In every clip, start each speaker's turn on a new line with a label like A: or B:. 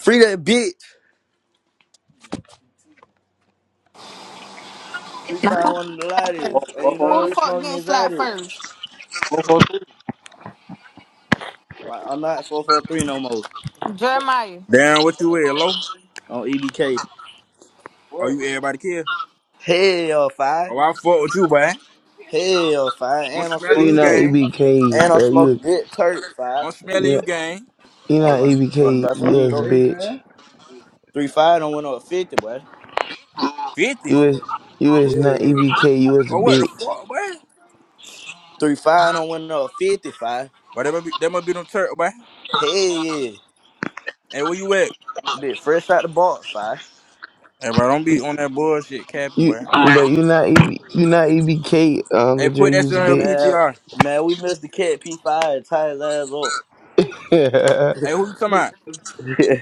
A: Free that bitch. Three
B: Now,
A: five
B: who,
A: one the light is. And you
B: who
A: know
B: the
C: 143?
A: what I'm
B: fuck
A: smoking
B: getting
A: is out
B: slapped
A: it.
B: first?
C: 143?
A: My, I'm not four four three no more
B: Jeremiah.
D: Damn, what you wear, low?
A: on EBK.
D: Oh, you
C: What?
D: everybody kill?
A: Hell
D: Oh,
A: five.
D: I fuck with you, boy.
A: Hell five.
D: I'm
A: And I'm
E: Bro,
D: smelly
E: you
D: you,
A: smoking
E: not
A: good.
D: gang.
E: EBK,
A: And I'm
E: bro. You
A: smoking good turp five.
D: I'm smelly
E: you
D: you,
E: not,
D: gang.
E: you
A: Hey, you
E: not
A: want you want to
E: EBK.
A: bust some
E: You
A: weed?
E: is a
A: Over?
C: Say,
E: bitch.
C: Dre?
A: Three five don't win over fifty, boy.
D: 50?
E: You is you is not
A: Hell.
E: EBK. You is a
D: Oh, what the
E: bitch.
D: fuck, boy?
A: Three five don't win over fifty five.
D: But that might be, that might be them turtle, boy.
A: Hell yeah.
D: Hey, where you at?
A: Bit fresh out the box five.
D: Hey, bro, don't be
E: You,
D: on that bullshit capping,
E: you
D: boy.
E: bro. You not EB, you not EBK. Um,
D: Hey,
E: the Jay,
D: put
E: you
D: that shit
E: is a
D: on your
E: bitch.
A: Man,
D: PTR.
A: man, we missed the cat P five and tied his ass up.
D: Hey, who you talking about?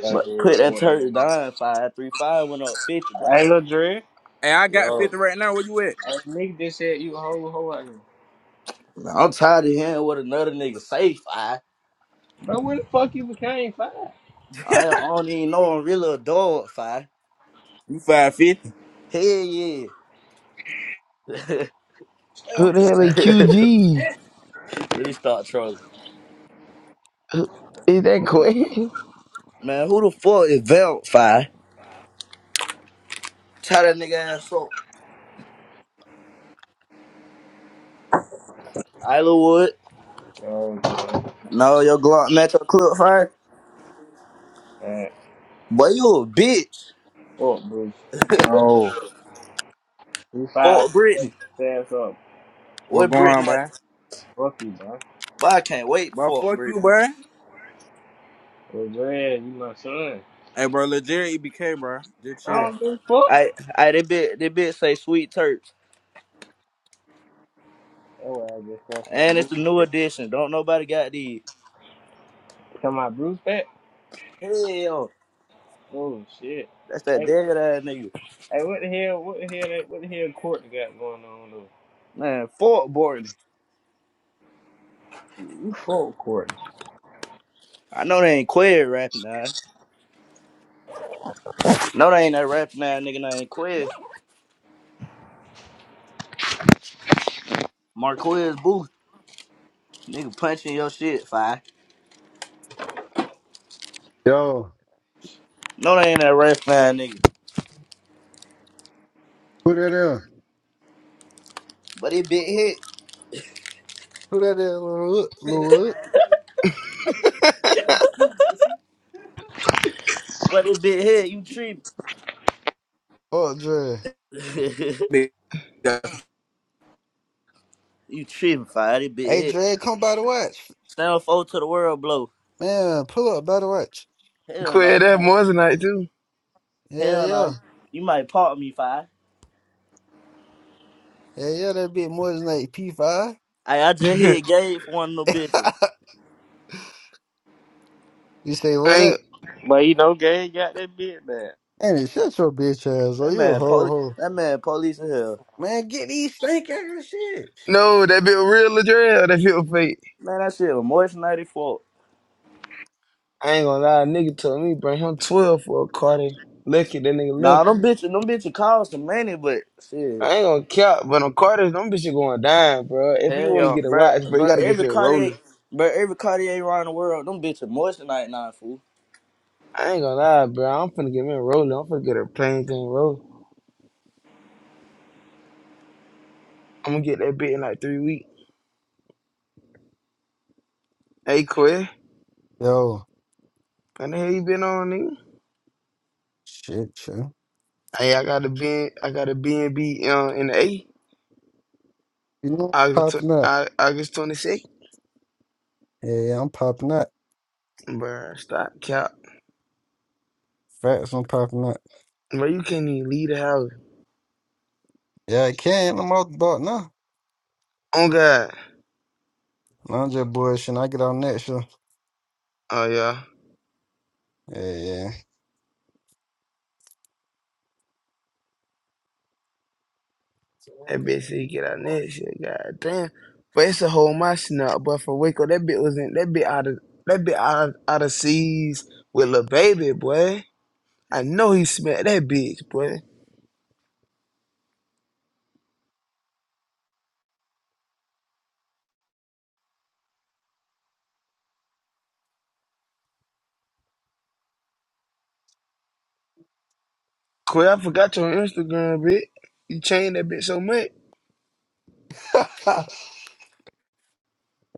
A: But quit that went, turd down five three five went up fifty, boy.
C: Hey, little Dre.
D: Hey, I got
A: Yo,
D: 50 right now. Where you at?
C: He said,
A: I'm tired of hearing what another nigga say five. I don't I don't even know I'm really a dog five.
D: You 550?
A: Hell yeah,
E: Who the hell is QG?
A: really start trolling.
E: Who- Is that Quay?
A: Man, who the fuck is Velt five? Tie that nigga ass up. Isla Wood.
C: oh, Dre.
A: No, your Glock match your clip fire.
C: Man,
A: Boy, you a bitch.
C: fuck, bro.
D: No.
C: You five
A: Fuck Brittany.
C: his ass up.
D: What
A: What
D: going on,
A: Brittany? At?
D: boy?
C: Fuck you, bro.
A: Boy, I can't wait to
D: Bro,
A: fuck
D: fuck you,
A: Britney.
D: boy.
C: Little Dre, you my son.
D: Hey, bro, legit EBK, bro. Just
C: I
A: I,
D: chill.
C: don't give a fuck.
A: I, I, they bit, they bit say sweet turps.
C: That's why I just come from that
A: And it's the new
C: Bruce.
A: edition. Don't nobody got these.
C: Come my Bruce back?
A: Hell,
C: Oh, shit.
A: that's that
C: Hey,
A: dead ass nigga.
C: hey, what the hell, what the hell, that- what the hell Courtney got going on, though?
A: Man, Fort Borton.
C: You fuck Courtney.
A: I know they ain't Quez rapping now. No, they ain't that rapping now, nigga. They ain't Quez. Marquez Booth. Nigga punching your shit, fi.
F: Yo,
A: No, they ain't that rapping now, nigga.
F: who that is?
A: But it bit hit.
F: Who that is, Lil Wood? Lil Wood?
A: But it bit hit. You tripping.
F: Oh, Dre.
D: Big- Shut
A: you tripping, fi. It bit
F: Hey,
A: hit.
F: Dre, come by the watch.
A: Stand four to the world, blow.
F: Man, pull up by the watch.
A: Hell no,
E: Quay,
A: you
E: that
A: might.
E: Moissanite too.
F: Yeah,
A: Hell
F: yeah.
A: no. You might pop me, fi.
F: Yeah, yeah, that bit more than like P5.
A: Hey, I just hit Gabe for one of them bitches.
F: you say
E: I
F: what that?
E: ain't
C: But you know, Gay got that bit back.
F: And shut your bitch ass,
A: That
F: or you a
A: man,
F: hoe
A: poli-
F: hoe.
A: that man, police in hell.
F: Man, get these stank ass shit.
E: no. That bit real Ladrell. That feel fake.
A: Man, that shit was moist ninety four.
E: I ain't gonna lie. A nigga told me bring him twelve for a Cardi. Lucky that nigga
A: Nah,
E: lucky.
A: them bitches, them bitches cost some money, but shit,
E: I ain't gonna cap, but on Carter's, them bitches going down, bro. If you
A: hell
E: wanna
A: yeah,
E: get a
A: bro,
E: watch, bro, you
A: bro,
E: gotta get
A: every
E: your
A: Cartier,
E: Rolly.
A: bro, every Cartier around the world, them bitches moist ninety nine fool.
E: I ain't gonna lie, bro. I'm finna get me a Rolly. I'm finna get a plain thing Rolly. I'm gonna get that bit in like three weeks. Hey, Quay,
F: Yo,
E: how the hell you been on, nigga?
F: shit, shit.
E: Hey, I got a B, I got a B and B uh, in the A,
F: You know I'm
E: August, tw-
F: popping up.
E: I, August 26th.
F: Yeah, yeah, I'm popping up.
E: Bro, stop cap.
F: Facts, I'm popping up.
E: Bro, you can't even leave the house.
F: Yeah, I can. I'm out the boat now.
E: Oh God.
F: No, I'm just bullshitting. I get out next year.
E: Oh yeah.
F: Yeah,
E: That bitch said get out that shit, god damn. But it's a whole my snap, but for Waco, that bit was in that bit out of that bit out of, out of seas with Lil Baby, boy. I know he smacked that bitch, boy. Quay, I forgot your Instagram, bitch. You changed that bitch so much.
F: yeah.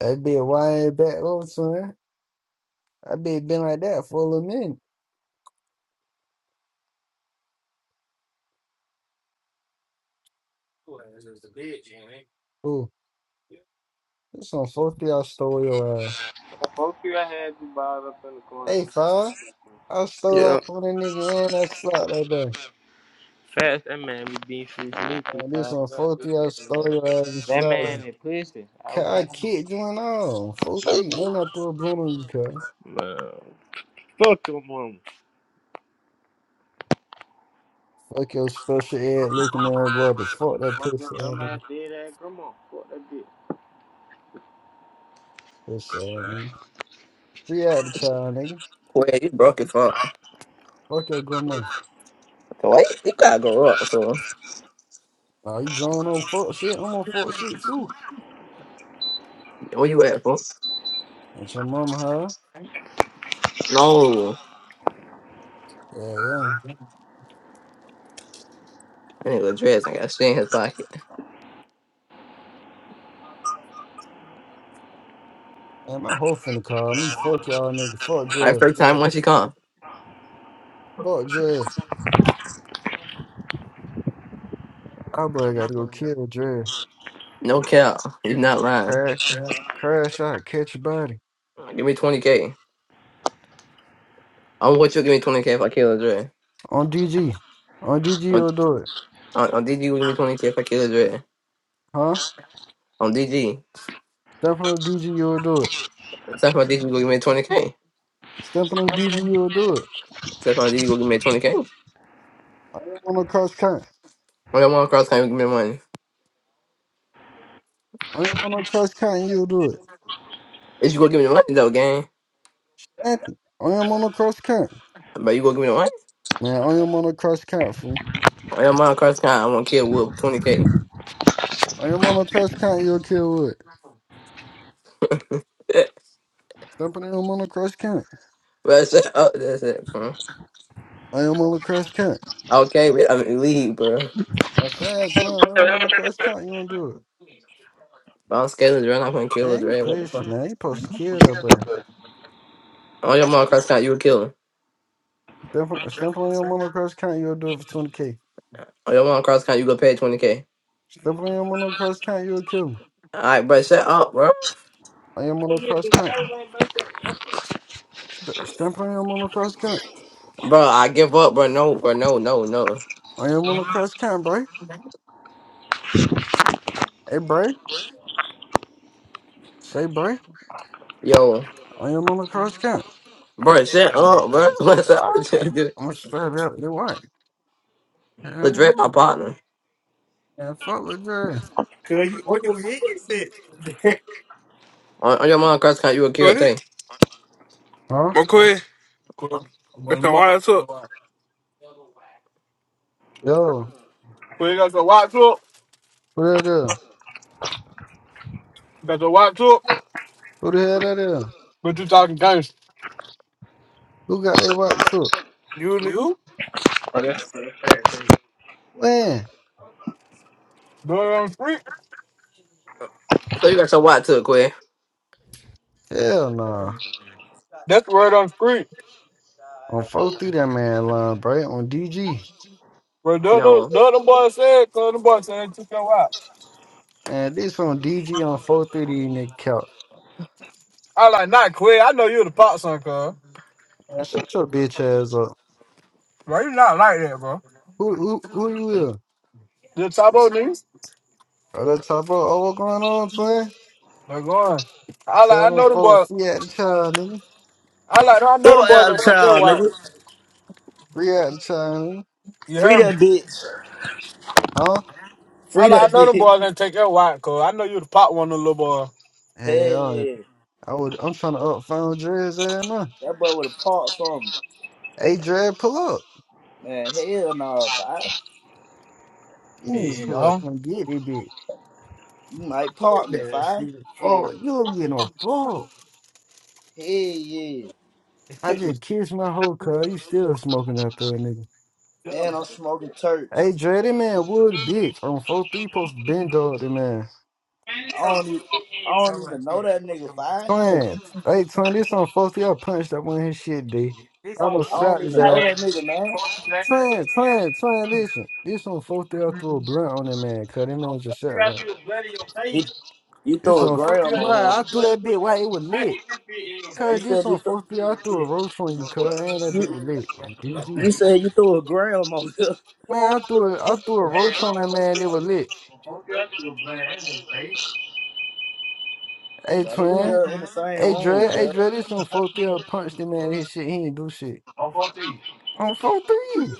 F: That'd be a wide back over son. I be been like that for a little minute. Ooh, this one supposed to be I stole your uh
C: Fuck you, I had you balled up in the corner.
F: Hey five. I stole
E: Yeah.
F: off from the nigga and I slapped that boy.
C: First, that man be being free sneaky,
F: Uh, This
C: cuz.
F: one four three I stole your ass and
C: That
F: slapped
C: man
F: you.
C: is pussy. I was
F: Ca- I
C: proud of
F: kicked you and all. Four three. And I threw a broom on you, cuz.
C: him. Man, fuck your mama.
F: Fuck your special ed looking at brother. Fuck that
C: Fuck your
F: pistol ass
C: dumb ass
F: nigga.
C: dead ass grandma. Fuck that bitch.
F: What's up, nigga? We out the child, nigga.
G: Wait, you broke as fuck.
F: Fuck your grandma.
G: Wait, you gotta grow up, fool.
F: Are you drawing on fuck shit? I'm on fuck shit too.
G: Where you at, fool?
F: That's your mama, huh?
G: No.
F: Yeah, yeah.
G: That nigga dress. ain't got shit in his pocket.
F: And my hoe finna call me. Fuck y'all nigga. Fuck
G: I
F: Dre.
G: first time when she come.
F: Fuck Dre. I boy gotta go kill Dre.
G: No cap. You not lying.
F: Crash, crash out, catch your body.
G: Give me 20K. I'm what you give me 20K if I kill a dread.
F: On DG. On DG,
G: On,
F: you'll do it.
G: on, on DG, you give me 20K if I kill a dread.
F: Huh?
G: On DG.
F: Step on DG, you'll do it.
G: Except for DG, you going give me 20K.
F: Step on DG, you'll do it.
G: Except for DG, you going give me 20K.
F: On the cross count.
G: On your mom cross country, you give me the money.
F: I am on the cross count, you'll do it.
G: If you gonna give me the money, though, gang.
F: Nothing. On your on the cross count.
G: But you gonna give me the money?
F: Man, I am on the cross count, fool.
G: On your mom cross country, I'm gonna kill Whoop 20K.
F: I am on the cross count, you'll kill wood.
G: Well,
F: Step on your on the cross count.
G: that's it. that's it. fool.
F: I am on the cross count.
G: Okay, we- I mean, leave, bro.
F: I said, son, I am on the cross count, you don't do it.
G: Bounce Scaling, run up and kill
F: Man,
G: us,
F: you
G: Red. What the
F: pussy,
G: fuck?
F: man. You supposed to kill that boy.
G: On your mom cross count, you a killer.
F: Step on step on your monocross count, you'll do it for 20K.
G: On your mom cross count, you gonna pay 20K.
F: Step on your monocross count, you'll kill him.
G: Alright, bro, shut up, bro.
F: On your monocross count. St- step on your monocross count.
G: Bro, I give up, bro. No, bro, no, no, no.
F: On your monocross count, bro. Hey, bro. Say, bro.
G: Yo,
F: On your monocross count.
G: bro, shut
F: All
G: up, bro. What's up?
F: right.
G: The
F: I'm going to strap you up. Then what?
G: Drake,
F: And
G: my partner.
F: fuck with that.
C: Cuz
F: Cause
C: you
F: you
C: fuck
F: on
C: your
F: your head set.
G: On, on your mom cross count, you a killer
H: Quay,
G: thing.
C: Huh?
F: Huh?
H: my Quay, got your wires up.
C: Yo.
F: Yo.
H: Quay got the watch up.
F: Who that
C: uh,
F: is?
H: Got the watch up.
F: Who the hell that is?
H: But you talking gangster.
F: Who got they white too?
H: You the You?
C: uh,
F: Man.
H: word on the street.
G: So you got your watch took, Quay.
F: Hell no.
H: That's the word on the street.
F: on 430 that man line, bro. On DG.
H: But the other
G: No.
H: the other boy said, cause the boy said they took your out.
C: Okay.
F: Man, this on DG on 430 in the couch.
H: I like not Quay. I know you the pop son, cuz.
C: uh,
F: Man,
C: shut
F: shut your
C: up,
F: bitch ass up.
H: Bro, you not like that, bro.
F: Who who who you is?
H: You the top old niggas?
F: Are
C: bro.
F: that type of. Oh, what going on, twin?
H: They're going. I like
F: Tell
H: I
F: them
H: know them
F: folks
H: boys.
F: free out the child, nigga.
H: I like I know
A: Throw
H: them
A: it
H: boys
A: out
H: that
A: of
H: take your
A: town,
H: watch.
A: nigga.
F: Free out the child, nigga.
H: You
A: Free
H: heard
A: that
H: me?
A: bitch.
F: Huh?
H: I
A: Free
H: like
A: that
H: I know them
A: bitch.
H: boys that take your watch, cuz. I know you the pop one the little boy.
A: Hell
F: Hell,
A: yeah.
F: I would. I'm trying to up phone Dre's ass now.
A: That boy would have parked from
F: Hey,
C: Hey,
F: Dre, pull up.
A: man. Hell nah, five.
F: You need to pull up.
H: Yeah.
F: Come get it, bitch.
A: You might
F: You
A: park me,
F: better see
A: five.
F: the fuck. You don't get no fuck.
A: Hell yeah.
F: I just kissed my whole car. You still smoking out there, nigga.
A: And I'm smoking church.
F: Hey, Dre, that man Wood, bitch. On 4-3, Post to bend dog, that man.
A: I don't even, I don't even know that nigga, five.
F: Twin. Hey, twin, this on 4-3. I punched that one his shit, D. I don't
A: I don't
F: shot his
A: even
F: ass.
A: know that
C: that
A: nigga, man.
F: Twin, twin, twin, listen. This on 4-3, I threw a blunt on that man, cuz him on just shot, right?
A: He,
C: was
A: you
F: This
A: threw a
F: on
A: gram
F: 4-3.
A: on him.
F: I threw that bit while it was
C: bro.
F: lit.
C: Hey,
A: You
F: Cuz this
A: said you
F: on
A: th-
F: 4-3, I threw a roach on you, cuz. And that bit
A: you
F: was lit. On DG.
A: you said you threw a gram on him.
F: Man, I threw a, I threw a roach on that man, they was lit.
C: I ain't trying
F: Hey,
A: But who the
F: twin.
A: hell in the same
F: Hey
A: room,
F: Dre, hey
A: cuz?
F: Dre, this on four three. I punched him man. His shit, he ain't do shit. On four three.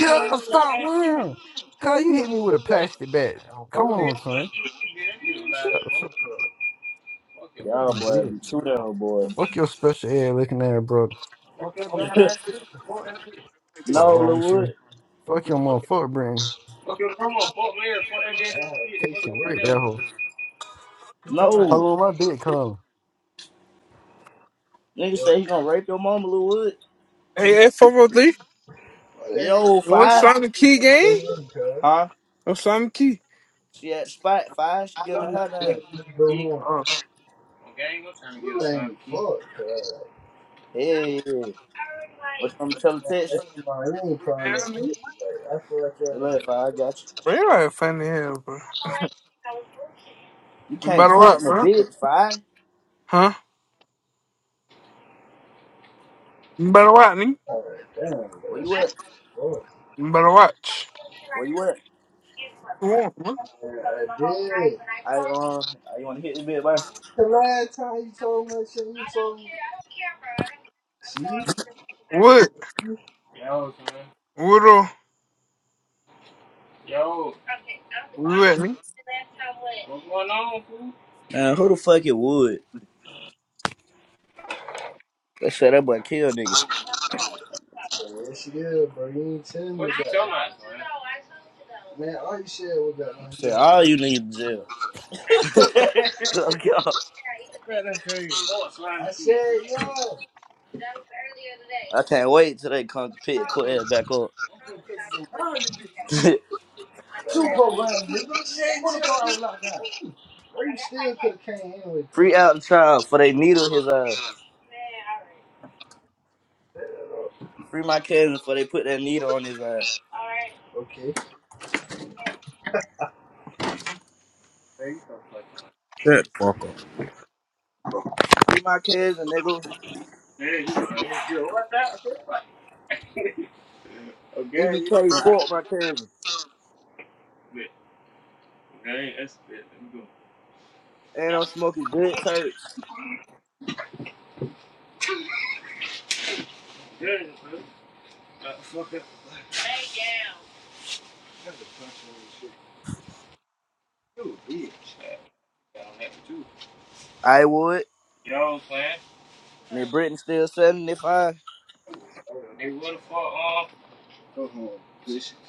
F: Yeah, stop worrying. Cause you hit me with a plastic bat. Come four on, son. Shut the fuck up,
A: Y'all
F: you
A: boy be
F: bitch.
A: too damn boy.
F: Fuck your special air looking at bro. Fuck
A: no,
F: wrong
A: Lil
F: with you.
A: Wood.
F: Fuck your motherfucker brain. Case and rate that hoe.
A: No.
F: Hello, my bitch, come.
A: Nigga say he gonna rape your mama, Lil Wood.
H: Hey, hey, 403.
A: Yo,
H: And What's
A: five?
H: Simon Key game?
A: Huh?
H: What's Simon Key?
A: She at spot five, she getting her hair done.
H: Oh,
A: Hey, yeah. What you want me to tell her text you?
C: to. I feel like y'all.
A: Hey,
C: That
A: Look,
C: shit
A: five, I got you.
H: bro, you like funny hell, bro.
C: fucked.
A: You
H: You
A: can't
H: better
A: text
H: watch,
A: my
H: bro.
A: bitch, five.
H: Huh? You better watch, nigga.
A: Where you at?
C: Yeah.
H: You better watch.
A: Where you at?
H: Come on, man.
A: I uh, you wanna hit this bitch, bye?
C: The last time you told me that shit, you told me. See?
H: What? What? uh,
C: Yo, Okay, I'm,
H: Where you at, nigga?
C: last time what? what's going on? fool?
A: Nah, who the fuck it would? They said that boy kill niggas.
C: Then What you I talking about, man? though. I told you though. man.
A: Said all you niggas in jail.
C: I
A: Look y'all.
C: said I even
A: Man,
C: say
A: crazy.
C: Sports line I said that was earlier today.
A: I can't wait till they come pick
C: uh,
A: Cortez back up. Two programs, nigga. 24 hours lockdown.
C: you still could have came anyway, could
A: Free out the child for they needle his uh
C: have. Man,
A: free my cousin for they put that needle on his ass.
C: all right, all right. Okay. Hey,
D: the fuck up.
A: Free my cousin, nigga.
C: Okay, you know,
A: EBK
C: I can
A: fought my cousin.
C: spit. Okay, that's spit. Let me
A: And I'm
C: go.
A: smoking good tapes.
C: Good, man. Fuck it. lay down. Ooh, bitch. Got on that too.
A: I would.
C: You know what I'm saying?
A: Me and Britain still selling if I
C: They would have fought um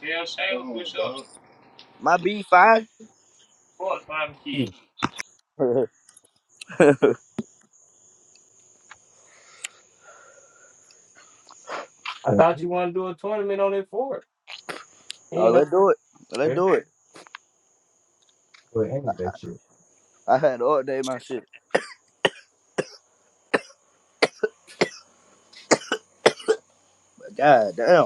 C: Tail Sandwich with us.
A: my B five.
C: Fought Simon Key.
A: Oh, let's do it. Let's do it. I had to update my shit. God damn.